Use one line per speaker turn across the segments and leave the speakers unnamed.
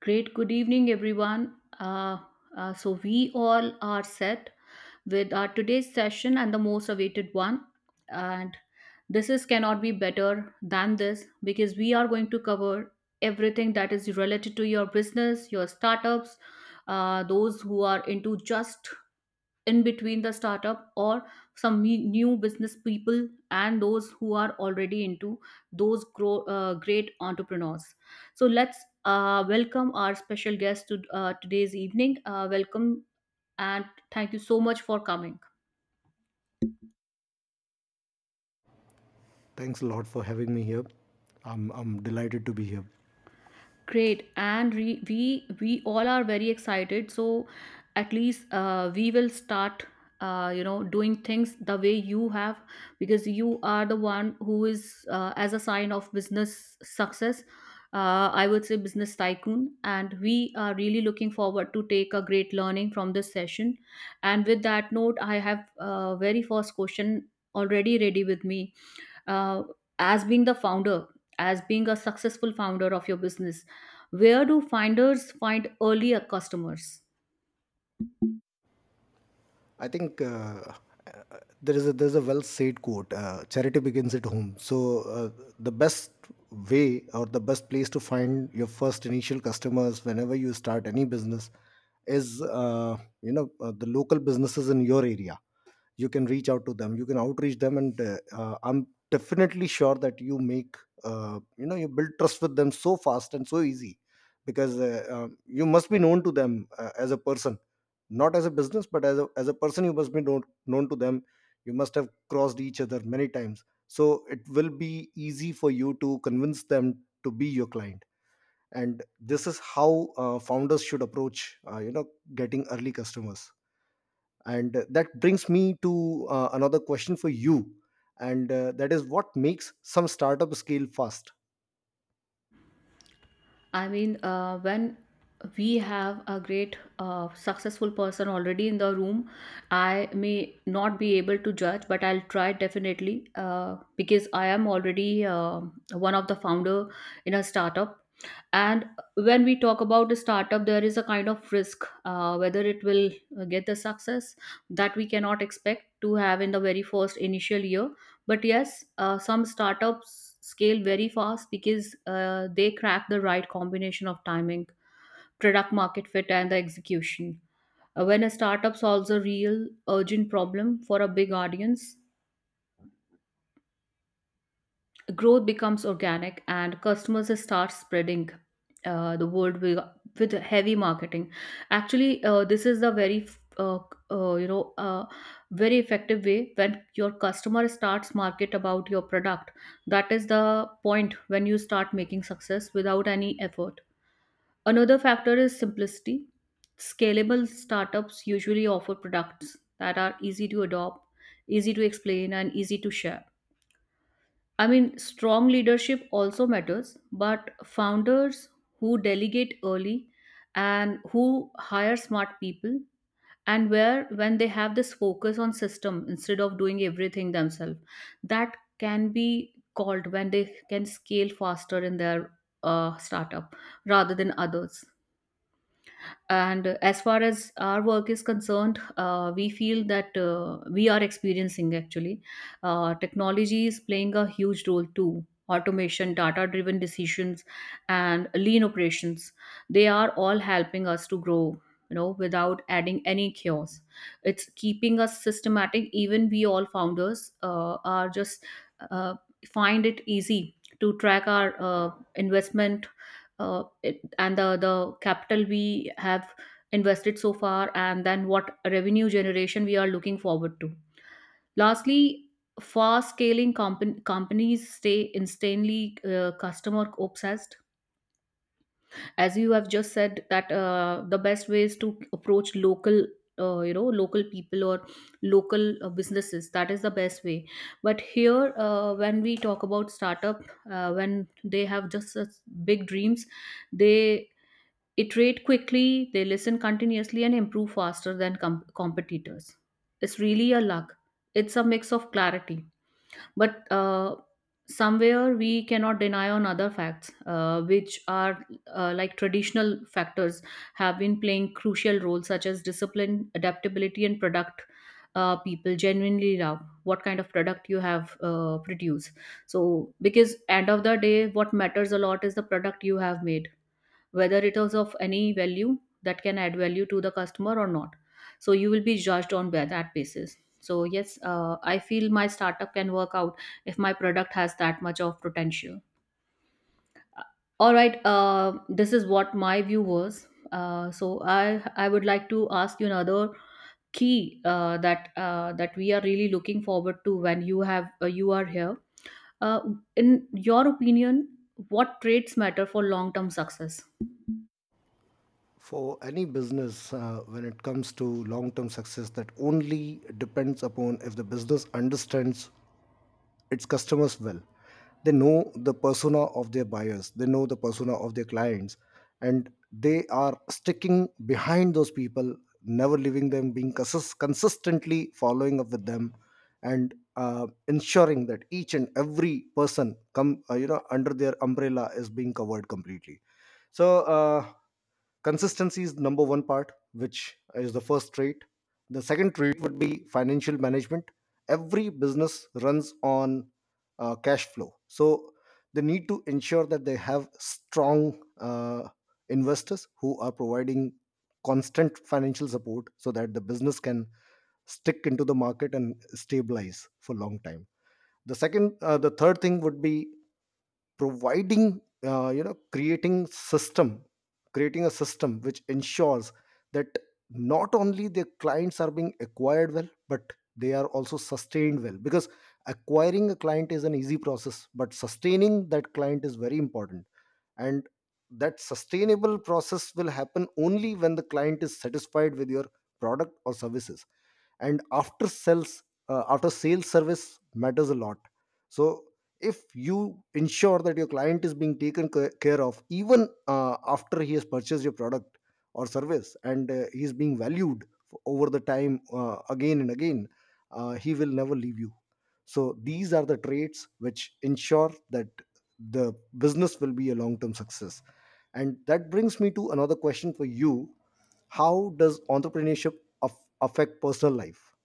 Great. Good evening, everyone. We all are set with our today's session and the most awaited one. And this is cannot be better than this because we are going to cover everything that is related to your business, your startups, those who are into just in between the startup or new business people and those who are already into those great entrepreneurs, so let's welcome our special guest to today's evening. Welcome and thank you so much for coming.
Thanks a lot for having me here. I'm delighted to be here.
Great, and we all are very excited. So at least we will start, doing things the way you have, because you are the one who is as a sign of business success. I would say business tycoon, and we are really looking forward to take a great learning from this session. And with that note, I have a very first question already ready with me. uh, as being the founder, as being a successful founder of your business, where do finders find earlier customers?
I think uh, there is a there's a well said quote: "Charity begins at home." So uh, the best way or the best place to find your first initial customers whenever you start any business is the local businesses in your area. You can reach out to them, you can outreach them, and I'm definitely sure that you make, you build trust with them so fast and so easy, because you must be known to them as a person, not as a business but as a person you must be known, known to them. You must have crossed each other many times, so it will be easy for you to convince them to be your client. And this is how founders should approach, getting early customers. And that brings me to another question for you, and that is, what makes some startup scale fast?
I mean, when we have a great successful person already in the room, I may not be able to judge, but I'll try definitely, because I am already one of the founder in a startup. And when we talk about a startup, there is a kind of risk, whether it will get the success that we cannot expect to have in the very first initial year. But yes, some startups scale very fast because they crack the right combination of timing, product market fit, and the execution. When a startup solves a real urgent problem for a big audience, growth becomes organic and customers start spreading the word, with heavy marketing. Actually, this is the very uh, uh, you know uh, very effective way, when your customer starts market about your product, that is the point when you start making success without any effort. Another factor is simplicity. Scalable startups usually offer products that are easy to adopt, easy to explain, and easy to share. I mean, strong leadership also matters, but founders who delegate early and who hire smart people, and where when they have this focus on system instead of doing everything themselves, that can be called when they can scale faster in their startup rather than others. And as far as our work is concerned, we feel that we are experiencing actually technology is playing a huge role too. Automation, data driven decisions, and lean operations, they are all helping us to grow, you know, without adding any chaos. It's keeping us systematic. Even we all founders are just uh, find it easy to track our investment uh, and the capital we have invested so far, and then what revenue generation we are looking forward to. Lastly, companies stay instantly customer obsessed. As you have just said that the best way is to approach local, local people or local businesses, that is the best way. But here, when we talk about startup, when they have just such big dreams, they iterate quickly, they listen continuously, and improve faster than competitors. It's really a luck. It's a mix of clarity, but somewhere we cannot deny on other facts, which are like traditional factors have been playing crucial roles, such as discipline, adaptability, and product. People genuinely love what kind of product you have produced. So because end of the day, what matters a lot is the product you have made, whether it is of any value, that can add value to the customer or not. So you will be judged on by that basis. So yes, I feel my startup can work out if my product has that much of potential. Uh, all right. This is what my view was. So i I would like to ask you another key that we are really looking forward to, when you have you are here, uh, in your opinion, what traits matter for long term success?
For any business, when it comes to long term success, that only depends upon if the business understands its customers well. They know the persona of their buyers, they know the persona of their clients, and they are sticking behind those people, never leaving them, being consistently following up with them, and ensuring that each and every person come under their umbrella is being covered completely. So consistency is number one part, which is the first trait. The second trait would be financial management. Every business runs on cash flow. So they need to ensure that they have strong investors who are providing constant financial support, so that the business can stick into the market and stabilize for a long time. The second the third thing would be providing, creating system, creating a system which ensures that not only their clients are being acquired well, but they are also sustained well, because acquiring a client is an easy process, but sustaining that client is very important. And that sustainable process will happen only when the client is satisfied with your product or services. And after sales, after sales service matters a lot. So if you ensure that your client is being taken care of even after he has purchased your product or service, and he is being valued over the time, again and again, he will never leave you. So these are the traits which ensure that the business will be a long term success. And that brings me to another question for you: how does entrepreneurship affect personal life?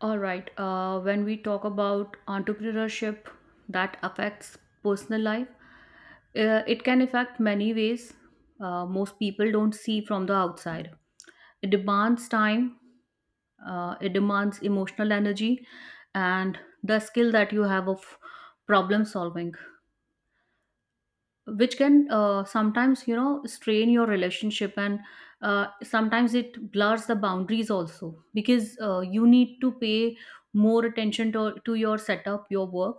All right. When we talk about entrepreneurship that affects personal life, it can affect many ways. Most people don't see from the outside. It demands time. It demands emotional energy, and the skill that you have of problem solving, which can sometimes, you know, strain your relationship, and sometimes it blurs the boundaries also, because you need to pay more attention to your setup, your work.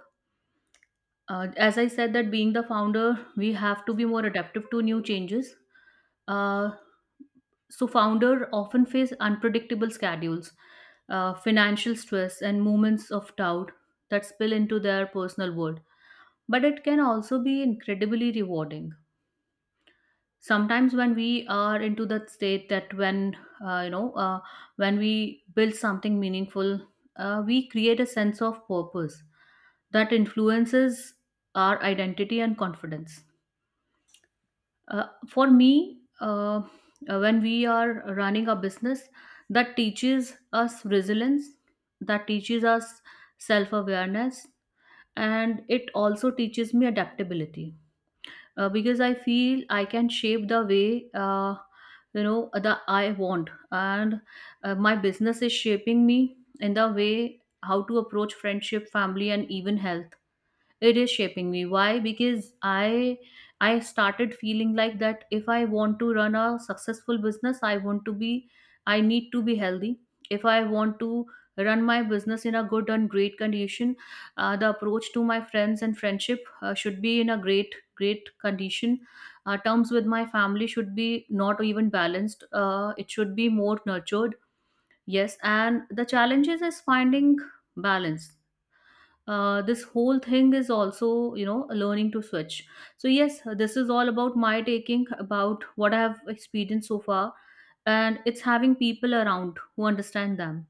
As I said, that being the founder, we have to be more adaptive to new changes. uh, so founder often face unpredictable schedules, financial stress and moments of doubt that spill into their personal world. But it can also be incredibly rewarding. Sometimes when we are into that state, that when uh, you know uh, when we build something meaningful, we create a sense of purpose that influences our identity and confidence. For me, when we are running a business, that teaches us resilience, that teaches us self awareness, and it also teaches me adaptability. Because I feel I can shape the way that I want, and my business is shaping me in the way how to approach friendship, family, and even health. It is shaping me. Why? Because I started feeling like that, if I want to run a successful business, I want to be, I need to be healthy. If I want to run my business in a good and great condition, the approach to my friends and friendship should be in a great, great condition. Terms with my family should be not even balanced, it should be more nurtured. Yes, and the challenges is finding balance. This whole thing is also, you know, learning to switch. So yes, this is all about my taking about what I have experienced so far, and it's having people around who understand them.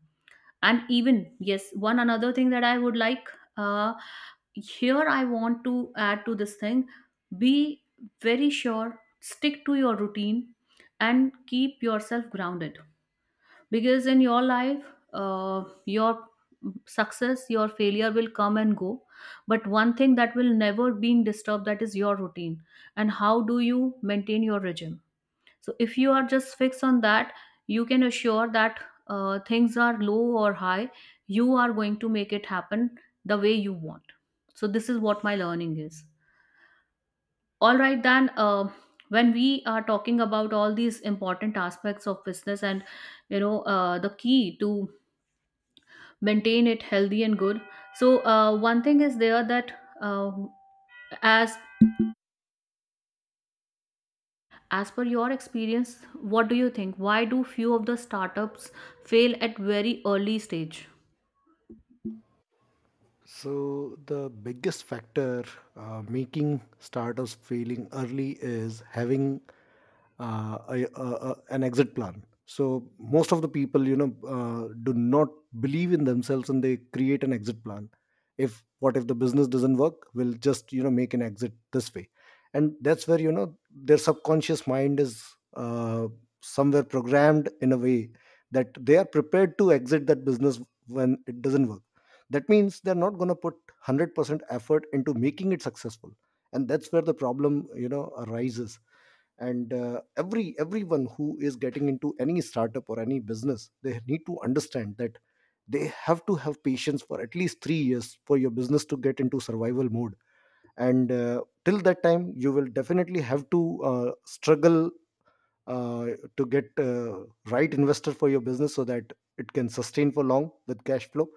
And even yes, one another thing that I would like, uh, here I want to add to this thing, be very sure, stick to your routine and keep yourself grounded. Because in your life, your success, your failure will come and go, but one thing that will never being disturbed, that is your routine and how do you maintain your regime. So if you are just fixed on that, you can assure that things are low or high, you are going to make it happen the way you want. So this is what my learning is. All right, then, when we are talking about all these important aspects of business, and you know, the key to maintain it healthy and good. So one thing is there that uh, as as per your experience, what do you think, why do few of the startups fail at very early stage?
So the biggest factor making startups failing early is having an exit plan. So most of the people, you know, do not believe in themselves, and they create an exit plan. If, what if the business doesn't work, we'll just you know make an exit this way, and that's where you know their subconscious mind is uh, somewhere programmed in a way that they are prepared to exit that business when it doesn't work. That means they're not going to put 100% effort into making it successful, and that's where the problem you know arises. And everyone who is getting into any startup or any business, they need to understand that they have to have patience for at least 3 years for your business to get into survival mode. And till that time you will definitely have to uh, struggle uh, to get right investor for your business, so that it can sustain for long with cash flow.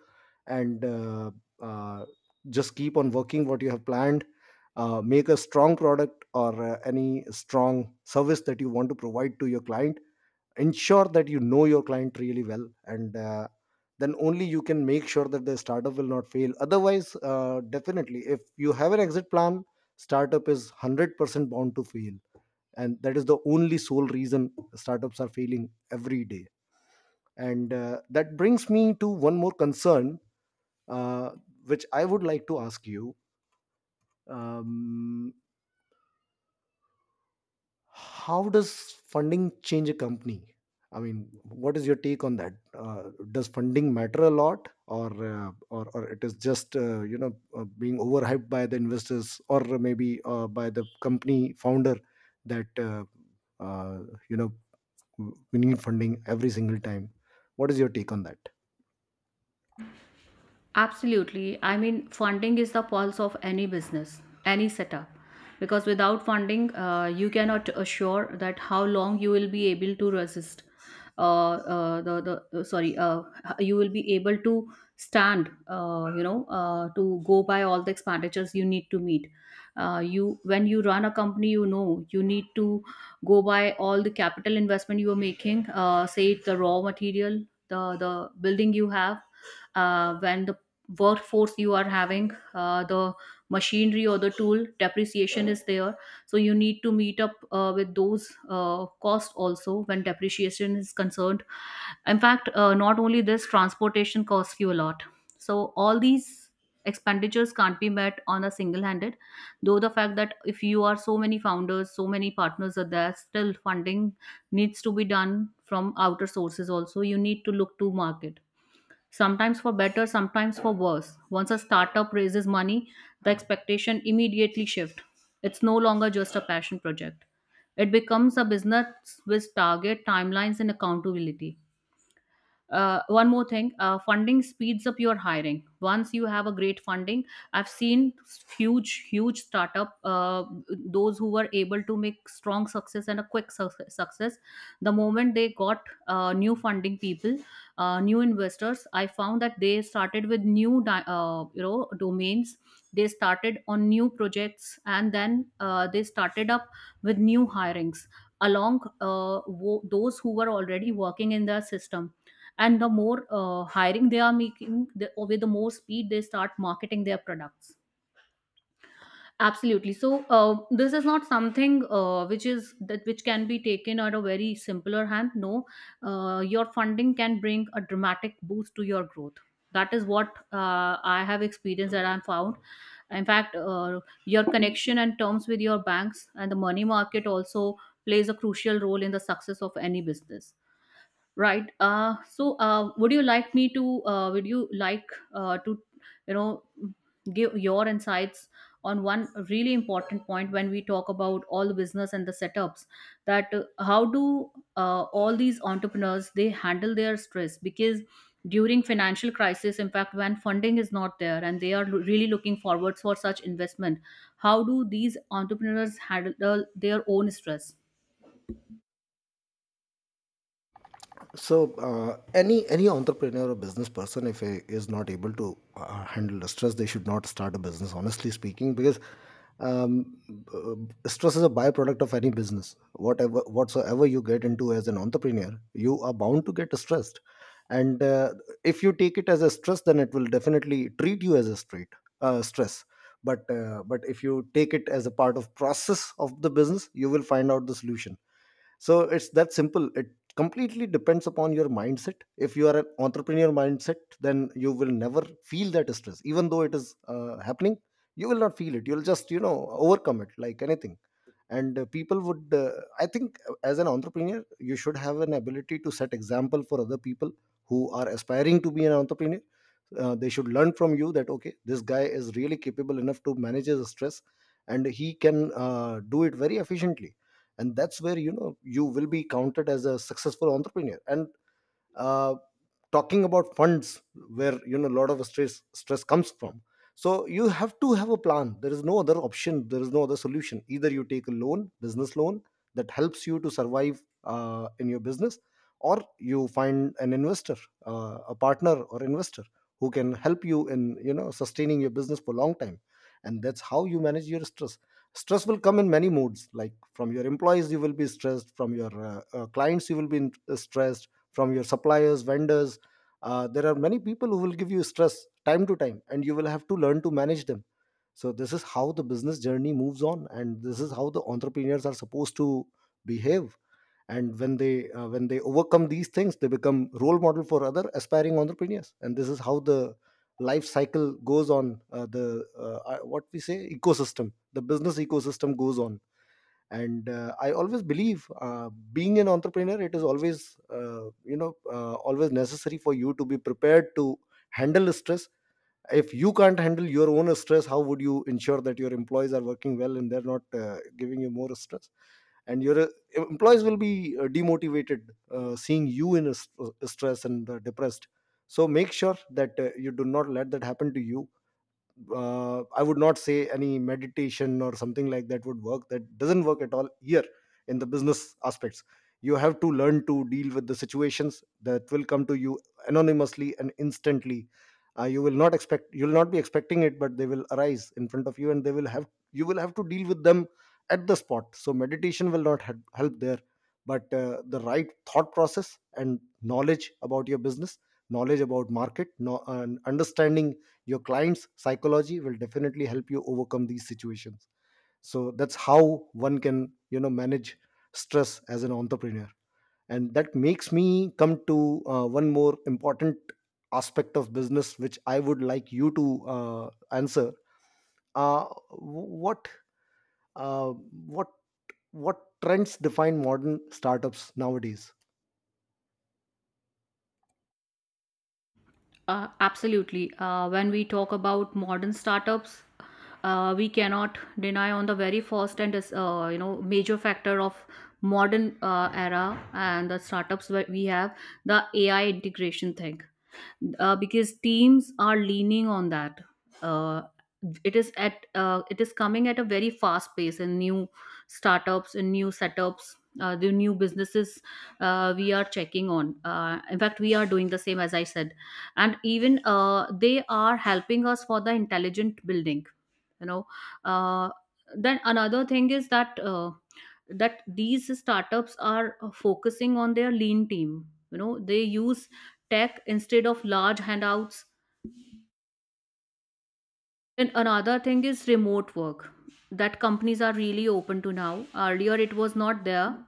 And uh, just keep on working what you have planned. Make a strong product or any strong service that you want to provide to your client. Ensure that you know your client really well, and then only you can make sure that the startup will not fail. Otherwise, definitely if you have an exit plan, startup is 100% bound to fail, and that is the only sole reason startups are failing every day. And that brings me to one more concern, uh, which I would like to ask you. um, how does funding change a company? I mean, what is your take on that? Does funding matter a lot, or or it is just, being overhyped by the investors, or maybe by the company founder, that uh, you know we need funding every single time? What is your take on that?
Absolutely. I mean, funding is the pulse of any business, any setup. Because without funding, you cannot assure that how long you will be able to resist. The Sorry, you will be able to stand. To go by all the expenditures you need to meet. You When you run a company, you know you need to go by all the capital investment you are making. Say it, the raw material, the building you have, when the workforce you are having, the machinery or the tool depreciation is there. So you need to meet up with those costs also, when depreciation is concerned. In fact, not only this, transportation costs you a lot. So all these expenditures can't be met on a single handed, though the fact that if you are so many founders, so many partners are there, still funding needs to be done from outer sources also. You need to look to market, sometimes for better, sometimes for worse. Once a startup raises money, the expectation immediately shift. It's no longer just a passion project. It becomes a business with target timelines and accountability. One more thing, funding speeds up your hiring once you have a great funding. I've seen huge startup, those who were able to make strong success and a success. The moment they got new funding people, new investors, I found that they started with new domains. They started on new projects, and then they started up with new hirings along, those who were already working in the system. And the more hiring they are making, with the more speed they start marketing their products. Absolutely. So this is not something which is that which can be taken at a very simpler hand, no. Your funding can bring a dramatic boost to your growth. That is what I have experienced, that I've found. In fact, your connection and terms with your banks and the money market also plays a crucial role in the success of any business. Right. Would you like me to? Would you like uh, to, you know, give your insights on one really important point when we talk about all the business and the setups? That how do all these entrepreneurs they handle their stress? Because during financial crisis, in fact, when funding is not there and they are really looking forward for such investment, how do these entrepreneurs handle their own stress?
So, any entrepreneur or business person, if he is not able to handle the stress, they should not start a business. Honestly speaking, because um, stress is a byproduct of any business. Whatever whatsoever you get into as an entrepreneur, you are bound to get stressed. And if you take it as a stress, then it will definitely treat you as a straight stress. But if you take it as a part of process of the business, you will find out the solution. So it's that simple. It completely depends upon your mindset. If you are an entrepreneur mindset, then you will never feel that stress, even though it is happening. You will not feel it, you'll just you know overcome it like anything. And people would I think as an entrepreneur you should have an ability to set example for other people who are aspiring to be an entrepreneur. They should learn from you that okay, this guy is really capable enough to manage his stress, and he can do it very efficiently. And that's where you know you will be counted as a successful entrepreneur. And uh, talking about funds, where you know a lot of stress comes from, so you have to have a plan. There is no other option, there is no other solution. Either you take a loan, business loan, that helps you to survive in your business, or you find an investor, a partner or investor who can help you in you know sustaining your business for a long time. And that's how you manage your stress. Stress will come in many modes, like from your employees you will be stressed, from your clients you will be stressed, from your suppliers, vendors. There are many people who will give you stress time to time, and you will have to learn to manage them. So this is how the business journey moves on, and this is how the entrepreneurs are supposed to behave. And when they overcome these things, they become role model for other aspiring entrepreneurs, and this is how the life cycle goes on. The What we say ecosystem, the business ecosystem, goes on. And I always believe, being an entrepreneur, it is always always necessary for you to be prepared to handle stress. If you can't handle your own stress, how would you ensure that your employees are working well and they're not giving you more stress? And your employees will be demotivated seeing you in a stress and depressed. So make sure that you do not let that happen to you. I would not say any meditation or something like that would work. That doesn't work at all here in the business aspects. You have to learn to deal with the situations that will come to you anonymously and instantly. You will not expect, you will not be expecting it, but they will arise in front of you, and you will have to deal with them at the spot. So meditation will not help there, but the right thought process and knowledge about your business, knowledge about market, no, and understanding your client's psychology will definitely help you overcome these situations. So that's how one can you know manage stress as an entrepreneur. And that makes me come to one more important aspect of business, which I would like you to uh, answer. uh, what uh, what what trends define modern startups nowadays?
Absolutely. When we talk about modern startups, we cannot deny on the very first and major factor of modern era and the startups that we have, the AI integration thing, because teams are leaning on that. Uh, it is at it is coming at a very fast pace, and new startups and new setups. The new businesses we are checking on. In fact, we are doing the same as I said, and even they are helping us for the intelligent building. You know, uh, then another thing is that these startups are focusing on their lean team. You know, they use tech instead of large handouts. And another thing is remote work that companies are really open to now. Earlier, it was not there.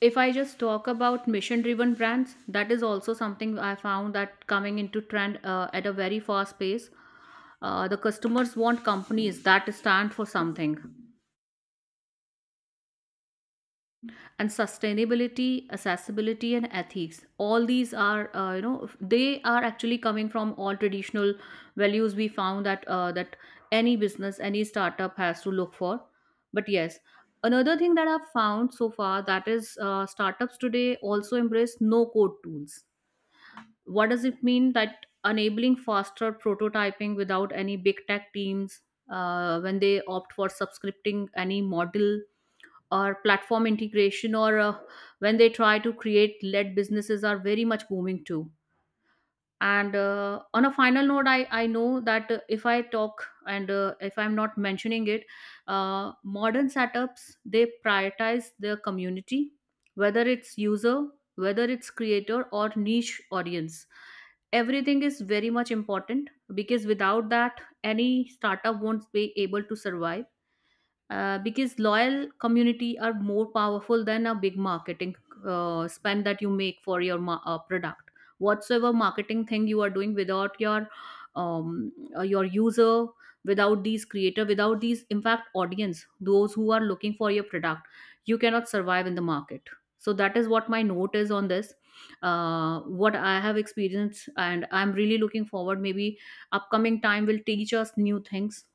If I just talk about mission driven brands, that is also something I found that coming into trend at a very fast pace. The customers want companies that stand for something, and sustainability, accessibility and ethics, all these are, they are actually coming from all traditional values. We found that any business, any startup has to look for. But yes, another thing that I've found so far, that is, startups today also embrace no code tools. What does it mean? That enabling faster prototyping without any big tech teams. When they opt for subscripting any model or platform integration, or when they try to create led businesses are very much booming too. And on a final note, I know that if I talk, and if I'm not mentioning it, modern setups, they prioritize their community, whether it's user, whether it's creator or niche audience. Everything is very much important, because without that any startup won't be able to survive, because loyal community are more powerful than a big marketing spend that you make for your product. Whatsoever marketing thing you are doing, without your your user, without these creator, without these, in fact, audience, those who are looking for your product, you cannot survive in the market. So that is what my note is on this, what I have experienced, and I'm really looking forward. Maybe upcoming time will teach us new things.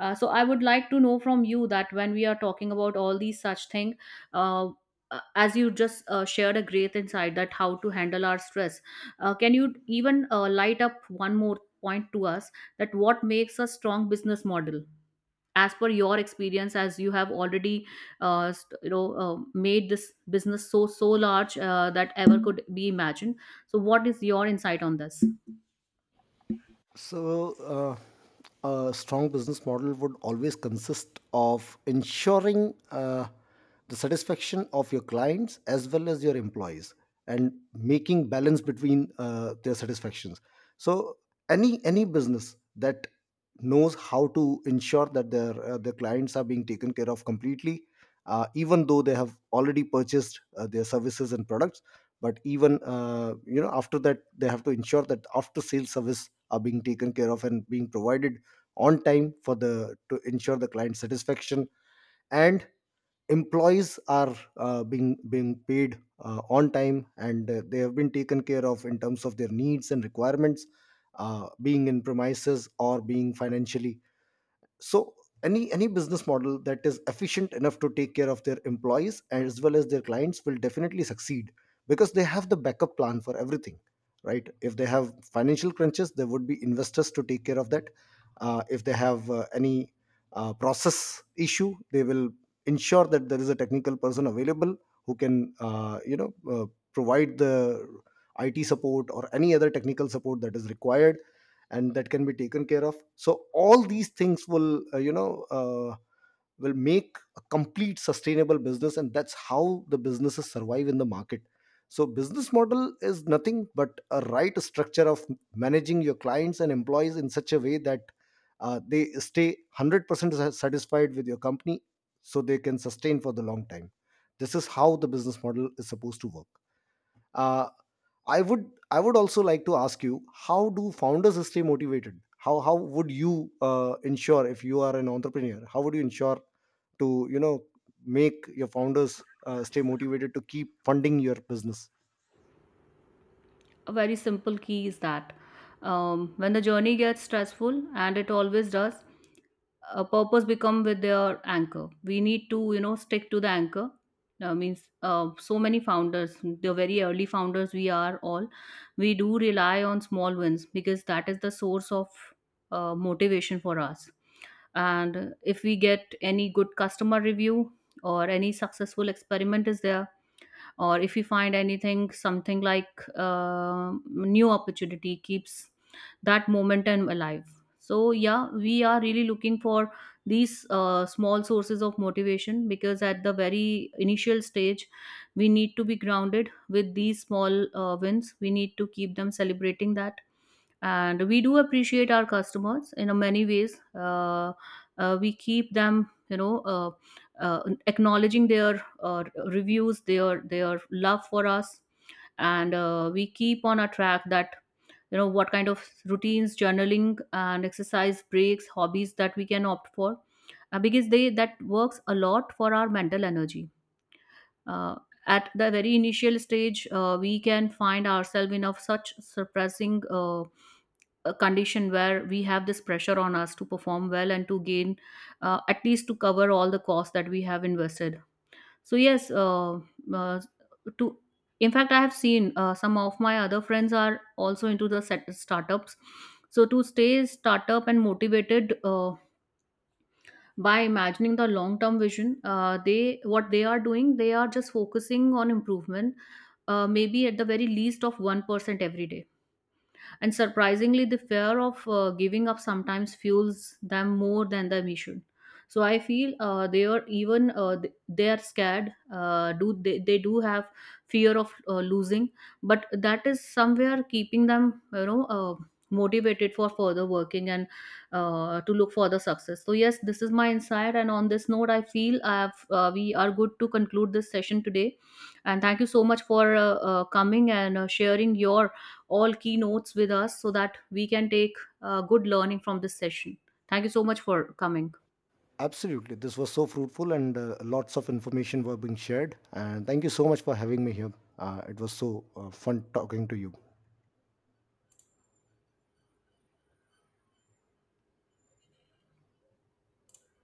So I would like to know from you that when we are talking about all these such thing, uh, as you just shared a great insight that how to handle our stress, can you even light up one more point to us that what makes a strong business model? As per your experience, as you have already, made this business so large that ever could be imagined. So, what is your insight on this?
So, a strong business model would always consist of ensuring the satisfaction of your clients as well as your employees, and making balance between their satisfactions. So, any business that knows how to ensure that their clients are being taken care of completely, even though they have already purchased their services and products, but even after that they have to ensure that after sales service are being taken care of and being provided on time for the to ensure the client satisfaction. And employees are being paid on time, and they have been taken care of in terms of their needs and requirements, being in premises or being financially. So any business model that is efficient enough to take care of their employees as well as their clients will definitely succeed, because they have the backup plan for everything. Right, if they have financial crunches, there would be investors to take care of that. If they have any process issue, they will ensure that there is a technical person available who can provide the IT support or any other technical support that is required, and that can be taken care of. So all these things will will make a complete sustainable business, and that's how the businesses survive in the market. So business model is nothing but a right structure of managing your clients and employees in such a way that they stay 100% satisfied with your company, so they can sustain for the long time. This is how the business model is supposed to work. uh, i would I would also like to ask you, how do founders stay motivated? How would you ensure, if you are an entrepreneur, how would you ensure to you know make your founders stay motivated to keep funding your business?
A very simple key is that, when the journey gets stressful, and it always does, a purpose become with their anchor. We need to, you know, stick to the anchor. Means So many founders, the very early founders, we are all, we do rely on small wins, because that is the source of motivation for us. And if we get any good customer review, or any successful experiment is there, or if you find anything something like new opportunity, keeps that momentum alive. So yeah, we are really looking for these small sources of motivation, because at the very initial stage we need to be grounded with these small wins. We need to keep them celebrating that, and we do appreciate our customers in a many ways. We keep them, you know, acknowledging their reviews, their love for us. And we keep on a track that, you know, what kind of routines, journaling and exercise breaks, hobbies that we can opt for, because they, that works a lot for our mental energy. uh, at the very initial stage, we can find ourselves in of such suppressing a condition where we have this pressure on us to perform well and to gain, at least to cover all the costs that we have invested. So yes, uh, to in fact, I have seen some of my other friends are also into the startups. So to stay startup and motivated, by imagining the long term vision, they, what they are doing, they are just focusing on improvement, maybe at the very least of 1% every day. And surprisingly, the fear of giving up sometimes fuels them more than the mission. So I feel they are even they are scared. Do they do have fear of losing, but that is somewhere keeping them, you know, motivated for further working, and to look for the success. So yes, this is my insight, and on this note, I feel I have, we are good to conclude this session today. And thank you so much for coming and sharing your all keynotes with us so that we can take good learning from this session. Thank you so much for coming.
Absolutely, this was so fruitful, and lots of information were being shared, and thank you so much for having me here. It was so fun talking to you.